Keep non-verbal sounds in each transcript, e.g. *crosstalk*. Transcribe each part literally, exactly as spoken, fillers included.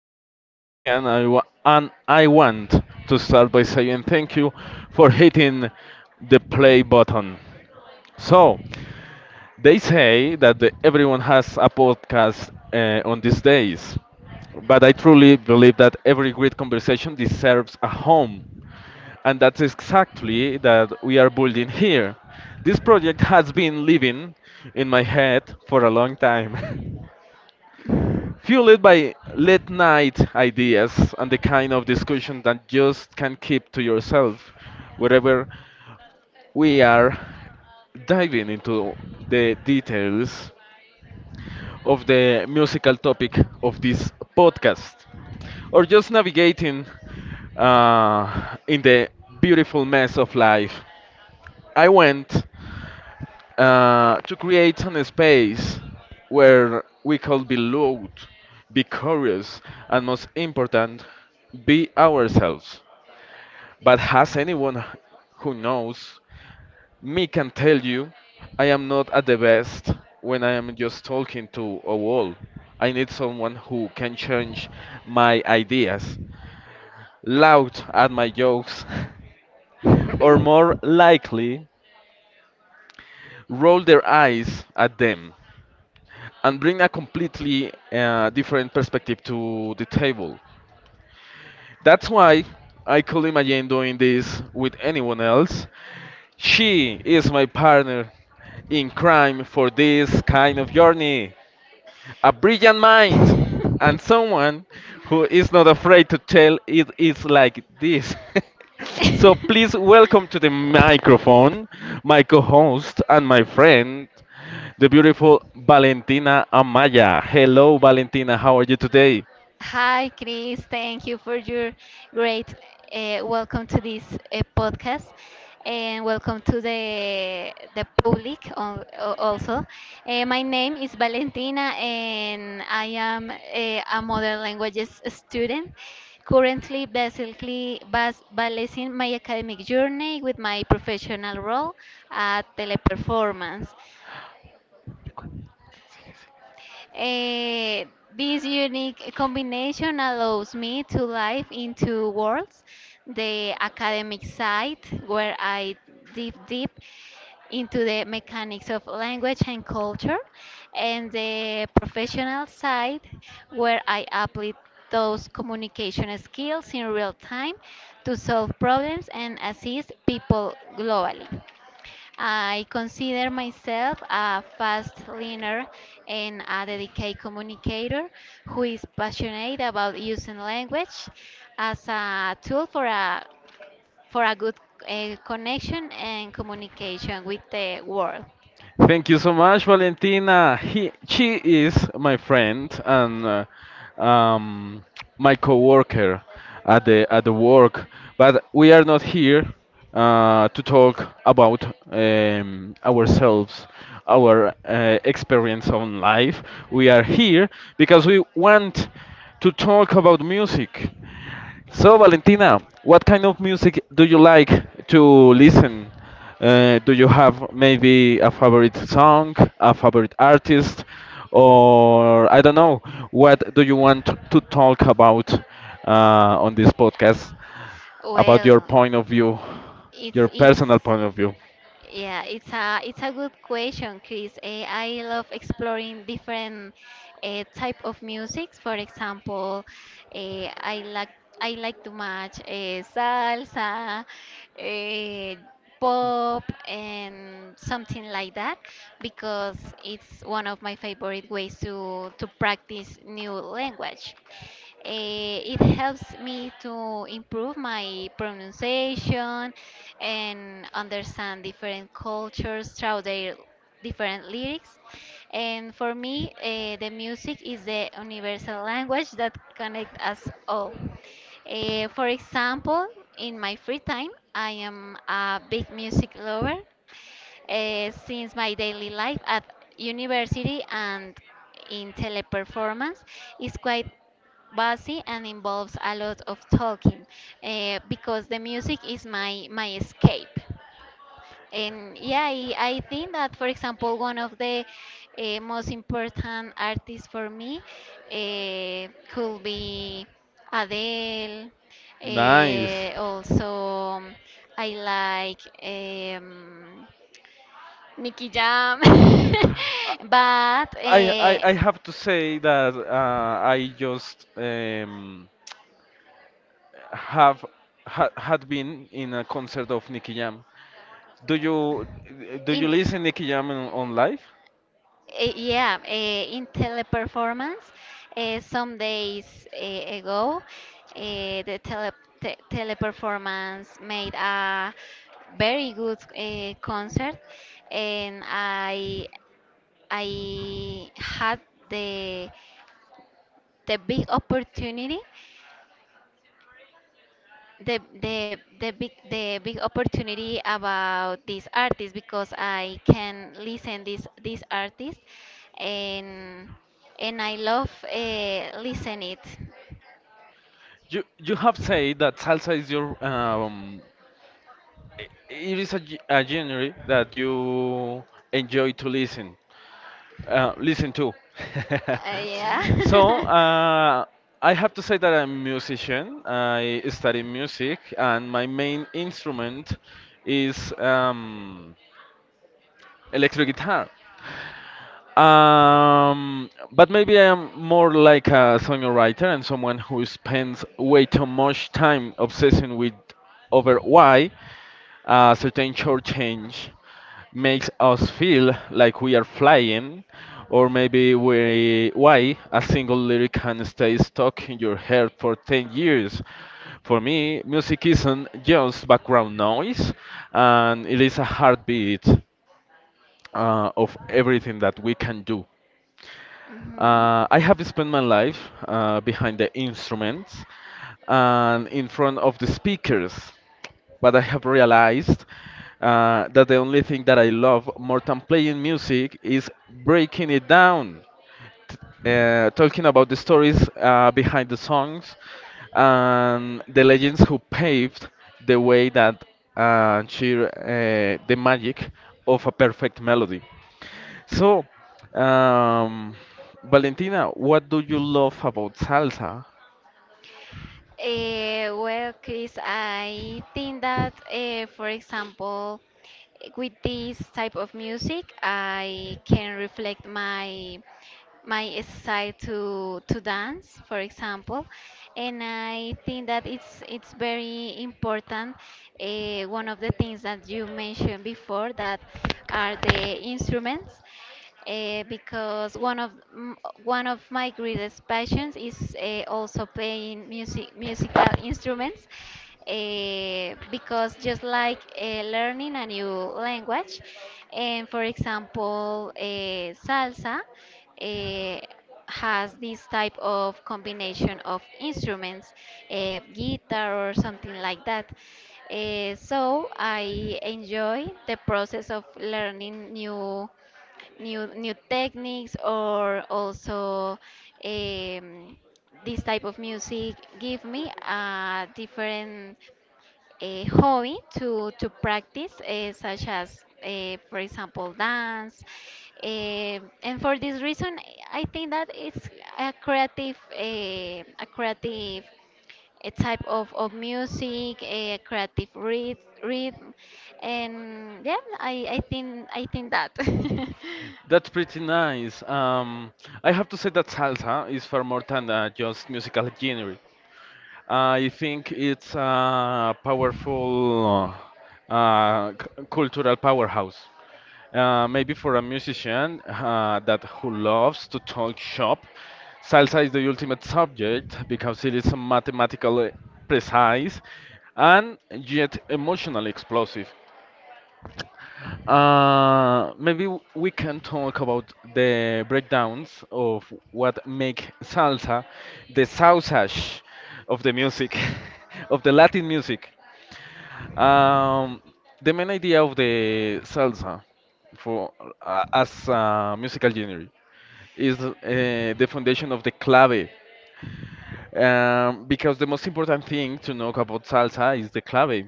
your host Christian I wa- and I want to start by saying thank you for hitting the play button. So, they say that the, everyone has a podcast uh, on these days, but I truly believe that every great conversation deserves a home. And that's exactly that we are building here. This project has been living in my head for a long time. *laughs* Fueled by late night ideas and the kind of discussion that just can't keep to yourself. Wherever we are diving into the details of the musical topic of this podcast, or just navigating uh, in the beautiful mess of life. I went uh, to create a space where we could be loud, be curious, and most important, be ourselves. But has anyone who knows me can tell you I am not at the best when I am just talking to a wall. I need someone who can change my ideas, loud at my jokes, *laughs* or more likely, roll their eyes at them. And bring a completely uh, different perspective to the table. That's why I could imagine doing this with anyone else. She is my partner in crime for this kind of journey, a brilliant mind, and someone who is not afraid to tell it is like this. *laughs* So *laughs* please welcome to the microphone my co-host and my friend, the beautiful Valentina Amaya. Hello, Valentina. How are you today? Hi, Chris. Thank you for your great uh, welcome to this uh, podcast and welcome to the the public al- al- also. Uh, my name is Valentina and I am a, a modern languages student. Currently, basically, bas- balancing my academic journey with my professional role at Teleperformance. Eh, this unique combination allows me to live in two worlds, the academic side, where I dive deep into the mechanics of language and culture, and the professional side, where I apply those communication skills in real time to solve problems and assist people globally. I consider myself a fast learner and a dedicated communicator who is passionate about using language as a tool for a for a good uh, connection and communication with the world. Thank you so much, Valentina. He, she is my friend and uh, um, my coworker at the at the work. But we are not here uh, to talk about um, ourselves, our uh, experience on life. We are here because we want to talk about music. So, Valentina, what kind of music do you like to listen? Uh, do you have maybe a favorite song, a favorite artist, or I don't know, what do you want to talk about uh, on this podcast about your Well, point of view, your it's it's personal point of view? Yeah, it's a it's a good question, Chris. Eh, I love exploring different uh, type of music. For example, uh, I like I like to match uh, salsa, uh, pop, and something like that because it's one of my favorite ways to to practice new language. Eh, it helps me to improve my pronunciation and understand different cultures through their different lyrics. And for me, eh, the music is the universal language that connects us all. Eh, for example, in my free time, I am a big music lover uh, since my daily life at university and in teleperformance is quite busy and involves a lot of talking uh, because the music is my my escape. And yeah, I, I think that, for example, one of the uh, most important artists for me uh, could be Adele. Nice. Uh, also, I like um, Nicky Jam. *laughs* But I, I, uh, I have to say that uh, I just um, have ha, had been in a concert of Nicky Jam. Do you do you in listen Nicky Jam on, on live? Eh, Yeah, eh, in teleperformance, eh, some days eh, ago, eh, the tele te teleperformance made a very good eh, concert, and I I had the the big opportunity, the the the big the big opportunity about this artist, because I can listen this this artist, and and I love uh, listen it. You you have said that salsa is your um i- it is a, ge- a genre that you enjoy to listen uh, listen to. Uh, yeah. *laughs* so *laughs* uh, I have to say that I'm a musician. I study music and my main instrument is um, electric guitar. Um, but maybe I am more like a songwriter and someone who spends way too much time obsessing with over why a certain chord change makes us feel like we are flying, or maybe we, why a single lyric can stay stuck in your head for ten years. For me, music isn't just background noise, and it is a heartbeat uh, of everything that we can do. Mhm. Uh, I have spent my life uh, behind the instruments and in front of the speakers, but I have realized uh, that the only thing that I love more than playing music is breaking it down, uh, talking about the stories uh, behind the songs and the legends who paved the way that uh, cheer uh, the magic of a perfect melody. So, um, Valentina, what do you love about salsa? Eh, well, Chris, I think that, eh, for example, with this type of music, I can reflect my my style to to dance, for example, and I think that it's it's very important. Uh, one of the things that you mentioned before, that are the instruments, uh, because one of m- one of my greatest passions is uh, also playing music musical instruments, eh, because just like eh, learning a new language. And, for example, eh, salsa eh, has this type of combination of instruments, eh, guitar or something like that. Eh, so I enjoy the process of learning new new new techniques, or also um, this type of music give me a different, a hobby to to practice, uh, such as, uh, for example, dance. Eh, and for this reason, I think that it's a creative, eh, a creative a type of, of music, eh, a creative rhythm, rhythm, and yeah, I, I think I think that. That's pretty nice. Um, I have to say that salsa is far more than uh, just musical genre. I think it's a powerful uh, c- cultural powerhouse. Uh, maybe for a musician uh, that who loves to talk shop, salsa is the ultimate subject because it is mathematically precise and yet emotionally explosive. Uh, maybe w- we can talk about the breakdowns of what make salsa the sausage of the music, *laughs* of the Latin music. Um, the main idea of the salsa for uh, as a musical genre is uh, the foundation of the clave, um, because the most important thing to know about salsa is the clave.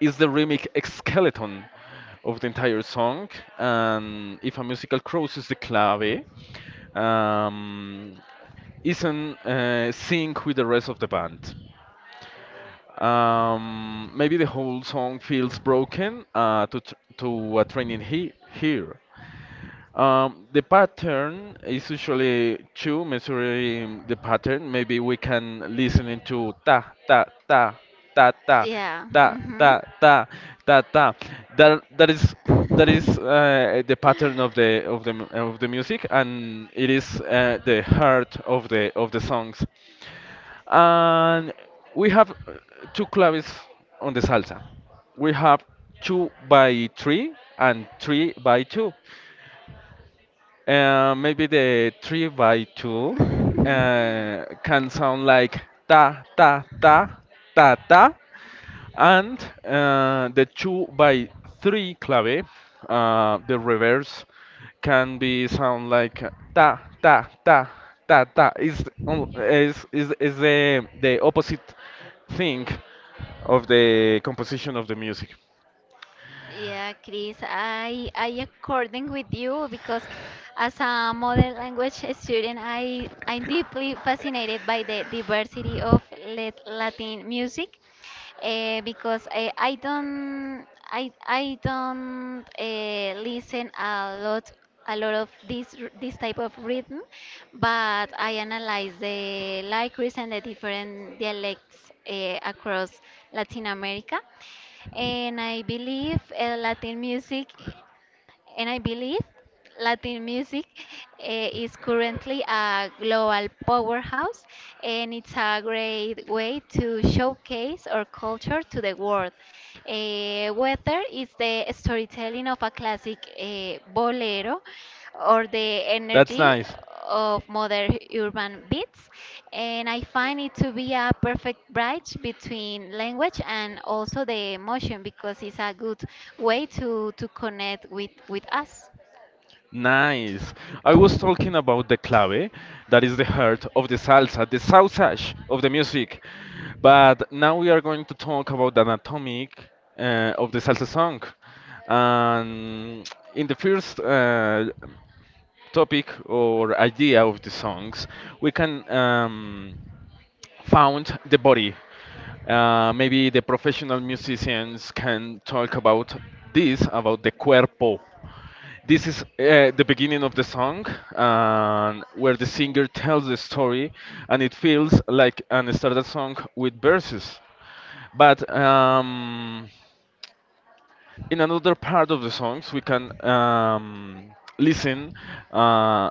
It's the rhythmic skeleton of the entire song, and if a musical crosses the clave, um, isn't uh, sync with the rest of the band. Um, maybe the whole song feels broken uh, to tr to a training he here. Um, the pattern is usually two measuring the pattern. Maybe we can listen into ta ta ta ta ta *laughs* Yeah. ta Hmm. ta ta ta ta. That that is that is uh, the pattern of the of the mu- of the music, and it is uh, the heart of the of the songs and we have uh, two claves on the salsa. We have two by three and three by two. Uh, maybe the three by two *laughs* uh, can sound like ta ta ta ta ta and uh, the two by three clave, uh, the reverse can be sound like ta ta ta ta ta is on- is is, is the the opposite thing of the composition of the music. Yeah, Chris, I I according with you, because as a modern language student, I I'm deeply fascinated by the diversity of lat- Latin music, uh, because I, I don't I I don't uh, listen a lot a lot of this r- this type of rhythm, but I analyze the lyrics and the different dialects uh, across Latin America. And I believe uh, Latin music, and I believe Latin music uh, is currently a global powerhouse, and it's a great way to showcase our culture to the world. Eh, whether it's the storytelling of a classic uh, bolero, or the That's energy nice. of modern urban beats, and I find it to be a perfect bridge between language and also the emotion, because it's a good way to to connect with with us. Nice. I was talking about the clave, that is the heart of the salsa, the sausage of the music. But now we are going to talk about the anatomy uh, of the salsa song. And in the first uh, topic or idea of the songs, we can um, found the body. Uh, maybe the professional musicians can talk about this, about the cuerpo. This is uh, the beginning of the song, and where the singer tells the story, and it feels like an standard song with verses. But um, in another part of the songs, we can um, listen uh,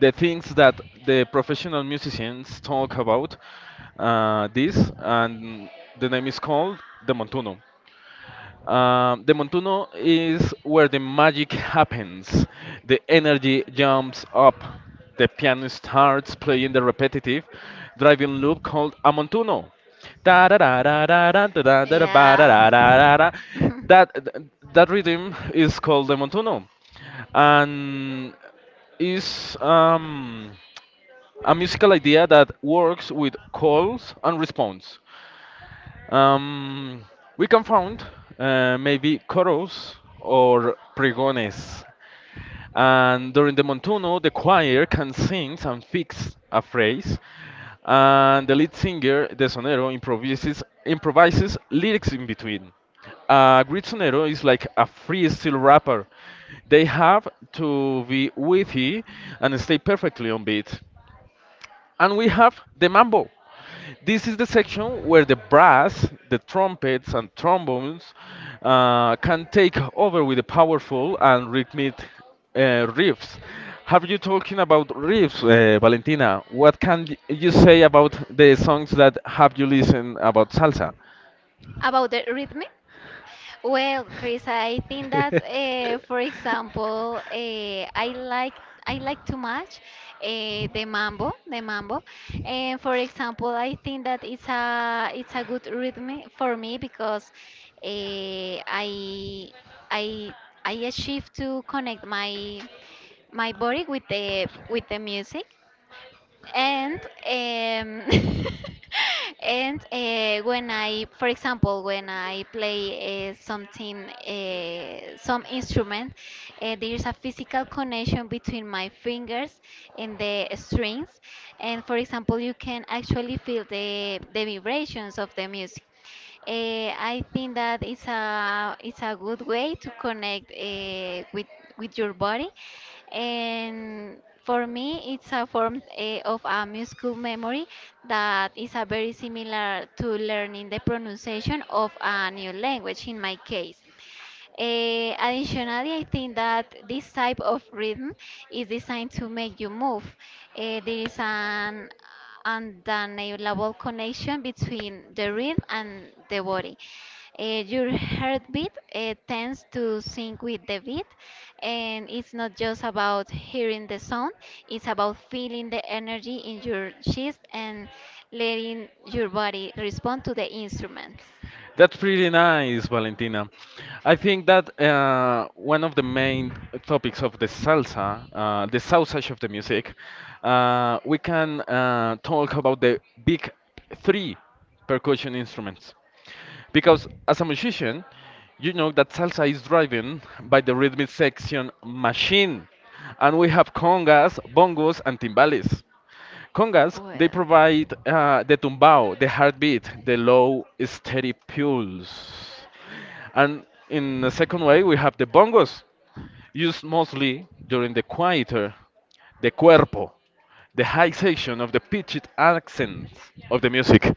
the things that the professional musicians talk about uh, this, and the name is called the montuno. Um, the Montuno is where the magic happens. The energy jumps up. The piano starts playing the repetitive driving loop called a Montuno. Da da da da da da da da da ba da Yeah. da da da. *laughs* That, that rhythm is called the Montuno. And is um, a musical idea that works with calls and response. Um, we can found uh, maybe coros or pregones, and during the montuno, the choir can sing and fix a phrase, and the lead singer, the sonero, improvises improvises lyrics in between. A great sonero is like a freestyle rapper; they have to be witty and stay perfectly on beat. And we have the mambo. This is the section where the brass, the trumpets, and trombones uh, can take over with the powerful and rhythmic uh, riffs. Have you talking about riffs, uh, Valentina? What can y- you say about the songs that have you listened about salsa? About the rhythm? Well, Chris, I think that, *laughs* uh, for example, uh, I like I like too much uh, the mambo, the mambo, and for example, I think that it's a it's a good rhythm for me, because uh, I I I achieve to connect my my body with the with the music and um, *laughs* and uh, when I, for example, when I play uh, something, uh, some instrument, uh, there is a physical connection between my fingers and the strings, and for example, you can actually feel the the vibrations of the music. Eh, I think that it's a it's a good way to connect eh, with with your body, and for me, it's a form eh, of a musical memory that is a very similar to learning the pronunciation of a new language in my case. Eh, additionally, I think that this type of rhythm is designed to make you move. Eh, there is an undeniable connection between the rhythm and the body. Eh, your heartbeat eh, tends to sync with the beat, and it's not just about hearing the sound, it's about feeling the energy in your chest and letting your body respond to the instruments. That's pretty nice, Valentina. I think that uh, one of the main topics of the salsa, uh, the sausage of the music, uh, we can uh, talk about the big three percussion instruments. Because as a musician, you know that salsa is driven by the rhythmic section machine, and we have congas, bongos, and timbales. Congas, they Well. provide uh, the tumbao, the heartbeat, the low, steady pulse. And in the second way, we have the bongos, used mostly during the quieter, the cuerpo, the high section of the pitched accents of the music.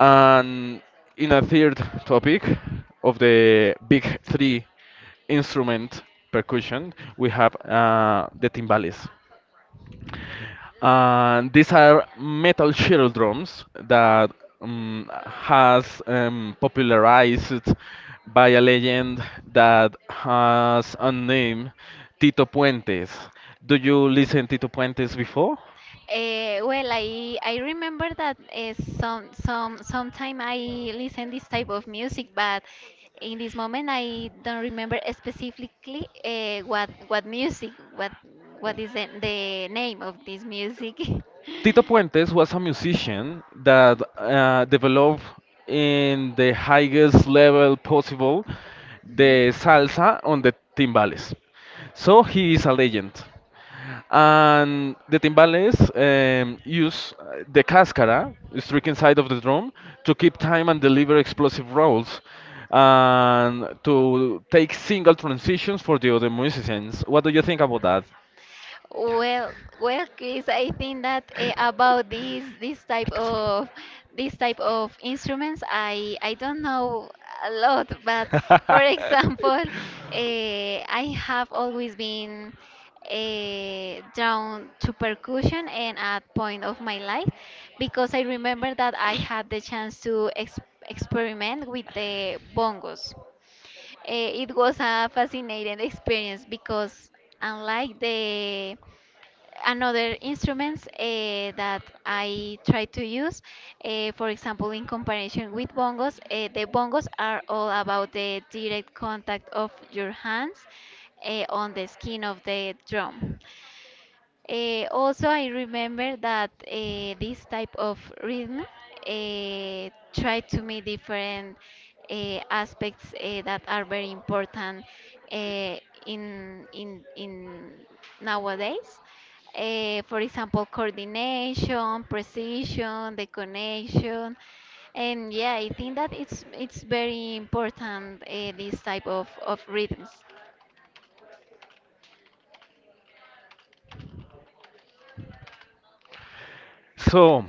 And in a third topic of the big three instrument percussion, we have uh, the timbales. And these are metal shuttle drums that um, has um, popularized by a legend that has a name, Tito Puentes. Do you listen Tito Puentes before? Uh, well, I I remember that uh, some some sometime I listen this type of music, but in this moment I don't remember specifically uh, what what music what what is the, the name of this music. *laughs* Tito Puentes was a musician that uh, developed in the highest level possible the salsa on the timbales. So Mhm. he is a legend. And the timbales um, use uh, the cascara, the stricken side of the drum, to keep time and deliver explosive rolls and to take single transitions for the other musicians. What do you think about that? Well, well, Chris, I think that uh, about these this type of this type of instruments, I I don't know a lot, but for *laughs* *laughs* example, uh, I have always been uh, drawn to percussion and at point of my life, because I remember that I had the chance to ex experiment with the bongos. Eh, it was a fascinating experience because, unlike the another instruments eh, that I try to use, eh, for example, in comparison with bongos, eh, the bongos are all about the direct contact of your hands eh, on the skin of the drum. Uh, also, I remember that uh, this type of rhythm uh, try to meet different uh, aspects uh, that are very important uh, in in in nowadays. Uh, for example, coordination, precision, the connection, and yeah, I think that it's it's very important uh, this type of of rhythms. So,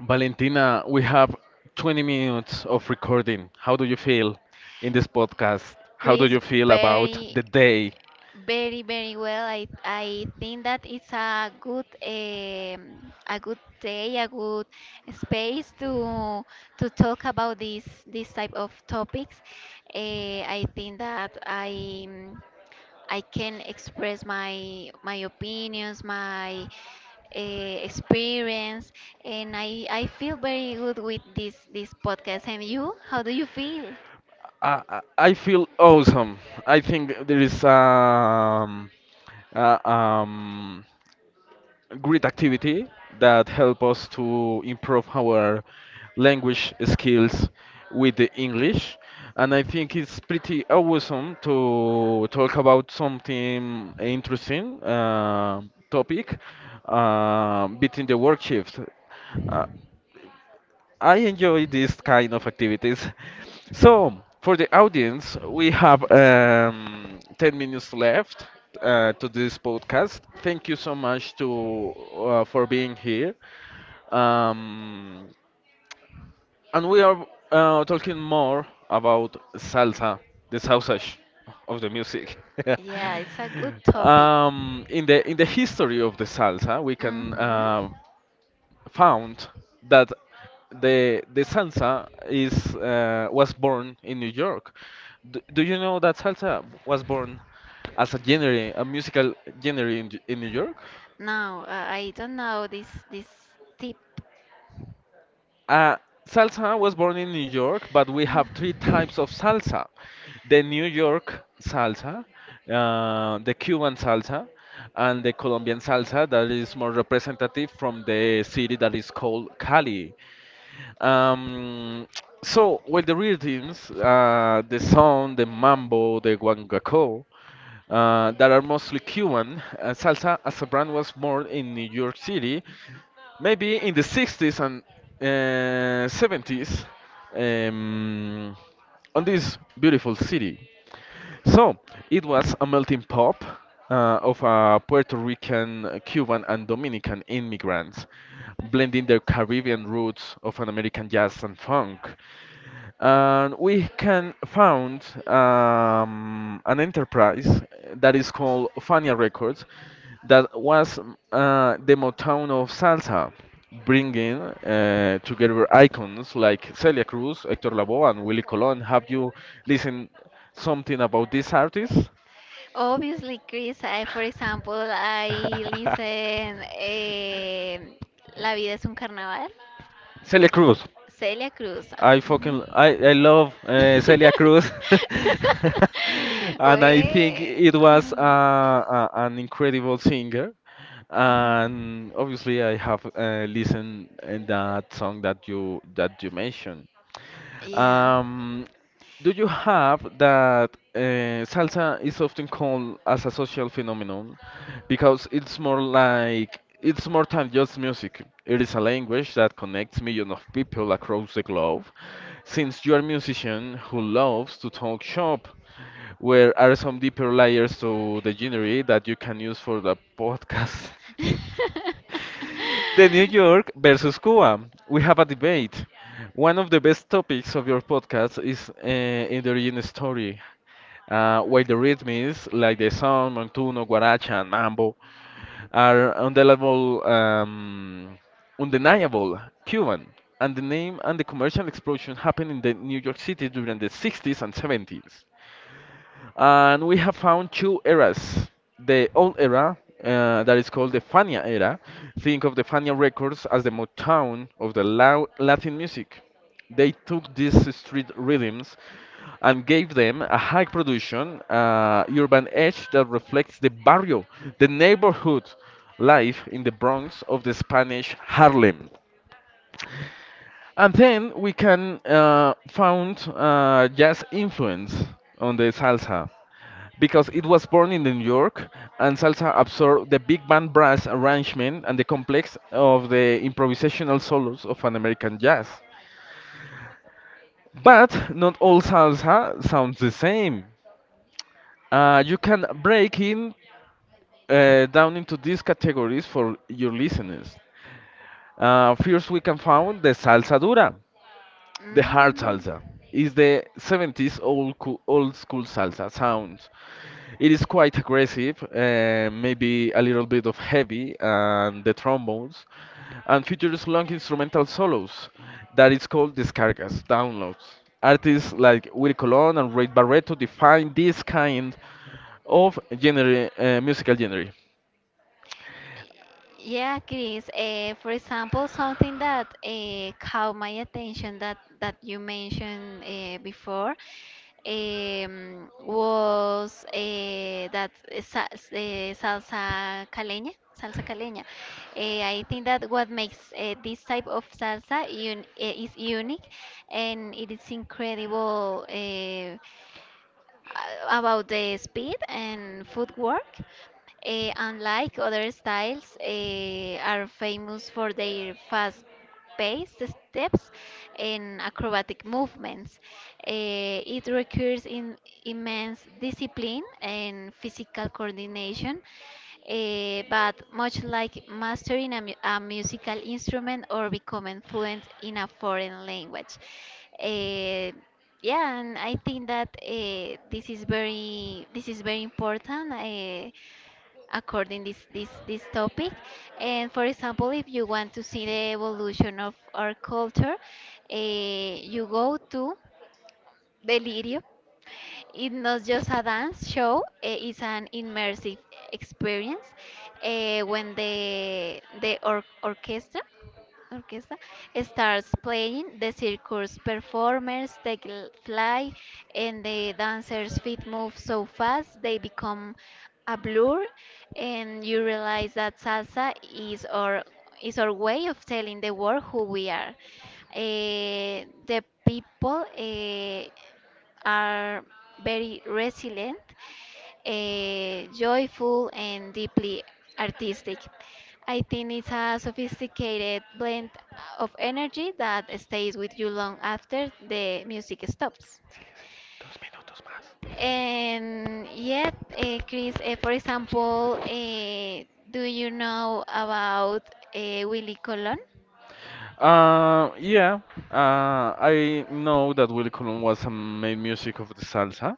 Valentina, we have twenty minutes of recording. How do you feel in this podcast? How do Chris, you feel about very the day? Very, very well. I I think that it's a good um, a good day, a good space to to talk about these this type of topics. Eh, I think that I mm, I can express my my opinions, my uh, experience, and I I feel very good with this this podcast. And you, how do you feel? I, I I feel awesome. I think there is um, uh, um, great activity that help us to improve our language skills with the English. And I think it's pretty awesome to talk about something interesting uh, topic uh, between the work shift. Uh, I enjoy these kind of activities. *laughs* So, for the audience, we have um, ten minutes left uh, to this podcast. Thank you so much to uh, for being here. Um, and we are uh, talking more about salsa, the sausage of the music. *laughs* Yeah, it's a good topic. Um, in the in the history of the salsa, we can Mm-hmm. uh, found that the the salsa is uh, was born in New York. D Do you know that salsa was born as a genre, a musical genre in, J- in New York? No, I I don't know this this tip. Uh, salsa was born in New York, but we *sighs* have three Ah. types of salsa: the New York salsa, uh, the Cuban salsa, and the Colombian salsa that is more representative from the city that is called Cali. Um, so, well, the rhythms, uh, the son, the mambo, the guangaco, uh, that are mostly Cuban. Uh, salsa as a brand was born in New York City, maybe in the sixties and uh, seventies, um, on this beautiful city. So it was a melting pot uh, of uh, Puerto Rican, uh, Cuban, and Dominican immigrants, blending their Caribbean roots of an American jazz and funk, and we can found um, an enterprise that is called Fania Records that was mm, uh, the Motown of salsa, bringing uh, together icons like Celia Cruz, Hector Lavoe, and Willie Colon. Have you listened something about these artists? Obviously, Chris, I, for example, I *laughs* listen eh, La vida es un carnaval. Celia Cruz. Celia Cruz. I Ujú. fucking I I love uh, Celia Cruz, *laughs* *laughs* and I think Well, it was uh, mm, a, an incredible singer. mhm, And obviously, I have uh, listened in that song that you that you mentioned. yeah. Um, do you have that uh, salsa is often called as a social phenomenon because it's more like it's more than just music. It is a language that connects millions of people across the globe. Since you are a musician who loves to talk shop, where are some deeper layers to the genre that you can use for the *laughs* podcast? *laughs* The New York versus Cuba. We have a debate. One of the best topics of your podcast is uh, in the origin story. Uh, while the rhythms like the song, montuno, guaracha, and mambo are undeniable, um, undeniable Cuban, and the name and the commercial explosion happened in the New York City during the sixties and seventies. And we have found two eras. The old era, uh, that is called the Fania era, think of the Fania records as the Motown of the lou- Latin music. They took these street rhythms and gave them a high production, uh, urban edge that reflects the barrio, the neighborhood life in the Bronx of the Spanish Harlem. And then we can uh, found uh, jazz influence on the salsa because it was born in New York, and salsa absorbed the big band brass arrangement and the complex of the improvisational solos of an American jazz. But not all salsa sounds the same. Uh, you can break in uh, down into these categories for your listeners. Uh, first, we can find the salsa dura. The hard Mm. salsa is the seventies old, coo- old school salsa sound. It is quite aggressive, uh, maybe a little bit of heavy, and the trombones, and features long instrumental solos that is called descargas, downloads. Artists like Willy Colon and Ray Barreto define this kind of genre, uh, musical genre. Yeah, Chris. Uh, for example, something that uh, caught my attention that that you mentioned uh, before, um, was uh, that uh, sa uh, salsa caleña. salsa caleña. Eh, I think that what makes uh, this type of salsa un uh, is unique, and it is incredible. Uh, uh, about the speed and footwork. Eh, unlike other styles, eh, are famous for their fast paced steps and acrobatic movements. Eh, it requires in immense discipline and physical coordination, eh, but much like mastering a, mu- a musical instrument or becoming fluent in a foreign language. Eh, yeah, and I think that uh, this is very this is very important uh, according this this this topic. And for example, if you want to see the evolution of our culture, uh, you go to Delirio. It's not just a dance show; eh, it's an immersive experience uh, when the the or orchestra orchestra starts playing, the circus performers take l- flight, and the dancers' feet move so fast they become a blur, and you realize that salsa is our is our way of telling the world who we are. Eh, the people eh, are very resilient, eh, joyful, and deeply artistic. I think it's a sophisticated blend of energy that stays with you long after the music stops. Sigue, dos minutos más. And yet, eh, Chris, eh, for example, eh, do you know about eh, Willy Colon? Uh, yeah. Uh, I know that Willy Colon was a main music of the salsa,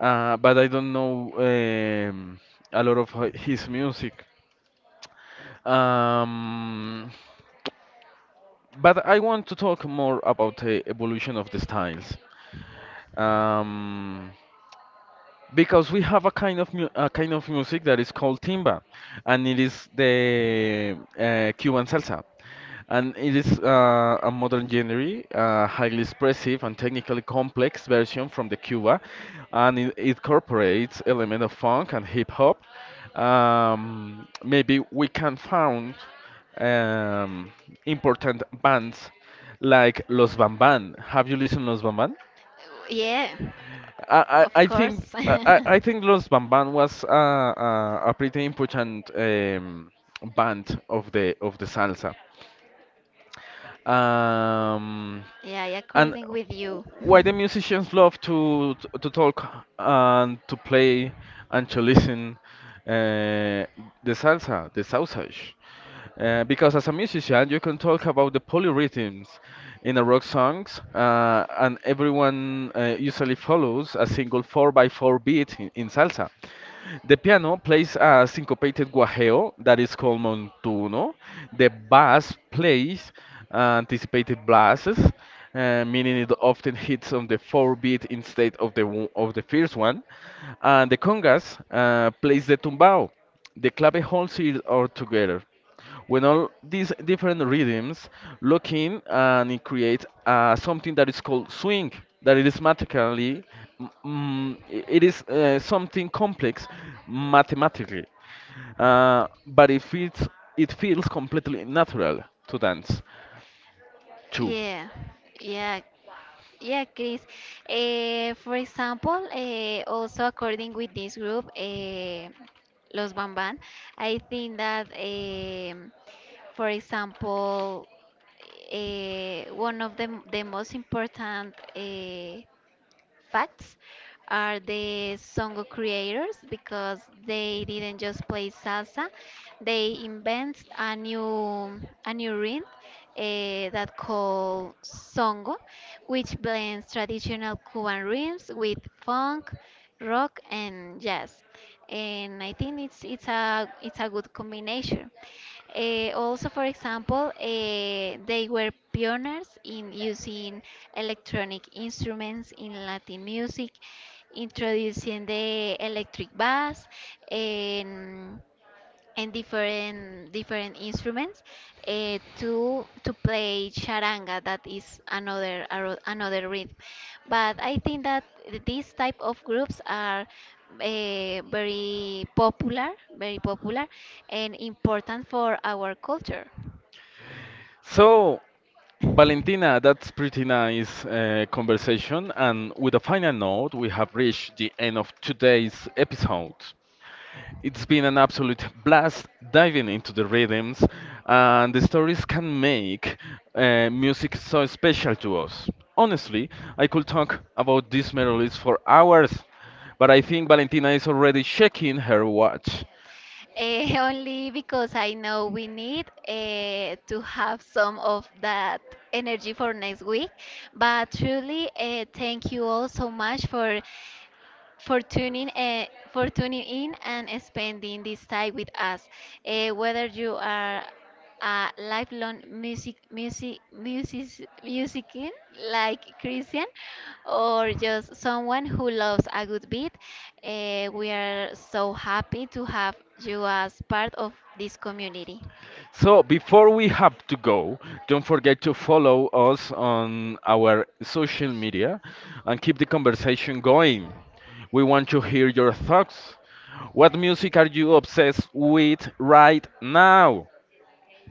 uh, but I don't know um, a lot of hi- his music. Um, but I want to talk more about the evolution of the styles. Um, because we have a kind of mu a kind of music that is called timba, and it is the uh, Cuban salsa, and it is uh, a modern genre, uh, highly expressive and technically complex version from the Cuba, and it, it incorporates element of funk and hip hop. Um, maybe we can found um, important bands like Los Bamban. Have you listened Los Bamban? Yeah, I, I of I course. think I, I I think Los Bamban was a, a, a pretty important um, band of the of the salsa. Um, *laughs* Yeah, I and according with you. why the musicians love to to, to talk and to play and to listen uh, the salsa, the sausage. Uh, because as a musician, you can talk about the polyrhythms in a rock songs, uh, and everyone uh, usually follows a single four by four beat in, in salsa. The piano plays a syncopated guajeo that is called montuno. The bass plays uh, anticipated blasts, uh, meaning it often hits on the four beat instead of the wo- of the first one. And the congas uh, plays the tumbao. The clave holds it all together. When all these different rhythms lock in, and it creates uh, something that is called swing, that it is mathematically, mm, mm, i- it is uh, something complex mathematically, uh, but it feels, it feels completely natural to dance *laughs* too. yeah, yeah, Yeah, Chris. Eh, for example, eh, also according with this group, eh, Los Bamban, I think that, em, for example, eh, one of the, m- the most important eh, facts are the songo creators, because they didn't just play salsa, they invent a new a new rhythm eh, that called songo, which blends traditional cuban rhythms with funk, rock, and jazz, and I think it's it's a it's a good combination. Eh, also, for example, eh, they were pioneers in using electronic instruments in Latin music, introducing the electric bass. And and different different instruments uh, to to play charanga, that is another aro- another rhythm. But I think that these type of groups are uh, very popular very popular and important for our culture. So Valentina, that's pretty nice uh, conversation. And with a final note, we have reached the end of today's episode. It's been an absolute blast diving into the rhythms and the stories can make uh, music so special to us. Honestly, I could talk about these melodies for hours, but I think Valentina is already checking her watch. Eh, *laughs* only because I know we need uh, to have some of that energy for next week. But truly, uh, thank you all so much for for tuning uh, for tuning in and spending this time with us. Uh, whether you are a lifelong music music music musician like Christian, or just someone who loves a good beat, uh, we are so happy to have you as part of this community. So before we have to go, don't forget to follow us on our social media and keep the conversation going. We want to hear your thoughts. What music are you obsessed with right now?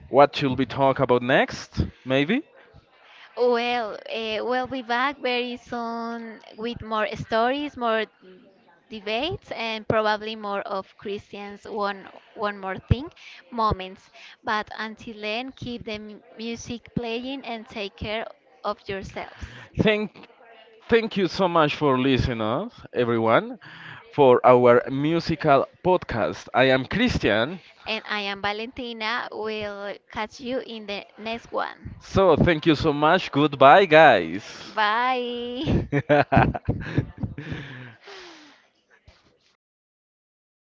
What should we talk about next? Maybe? Well, uh, we'll be back very soon with more stories, more debates, and probably more of Christian's one one more thing moments. But until then, keep the mu- music playing and take care of yourselves. Thank Thank you so much for listening us, everyone, for our musical podcast. I am Christian. And I am Valentina. We'll catch you in the next one. So, thank you so much. Goodbye, guys. Bye. *laughs* *laughs* *laughs*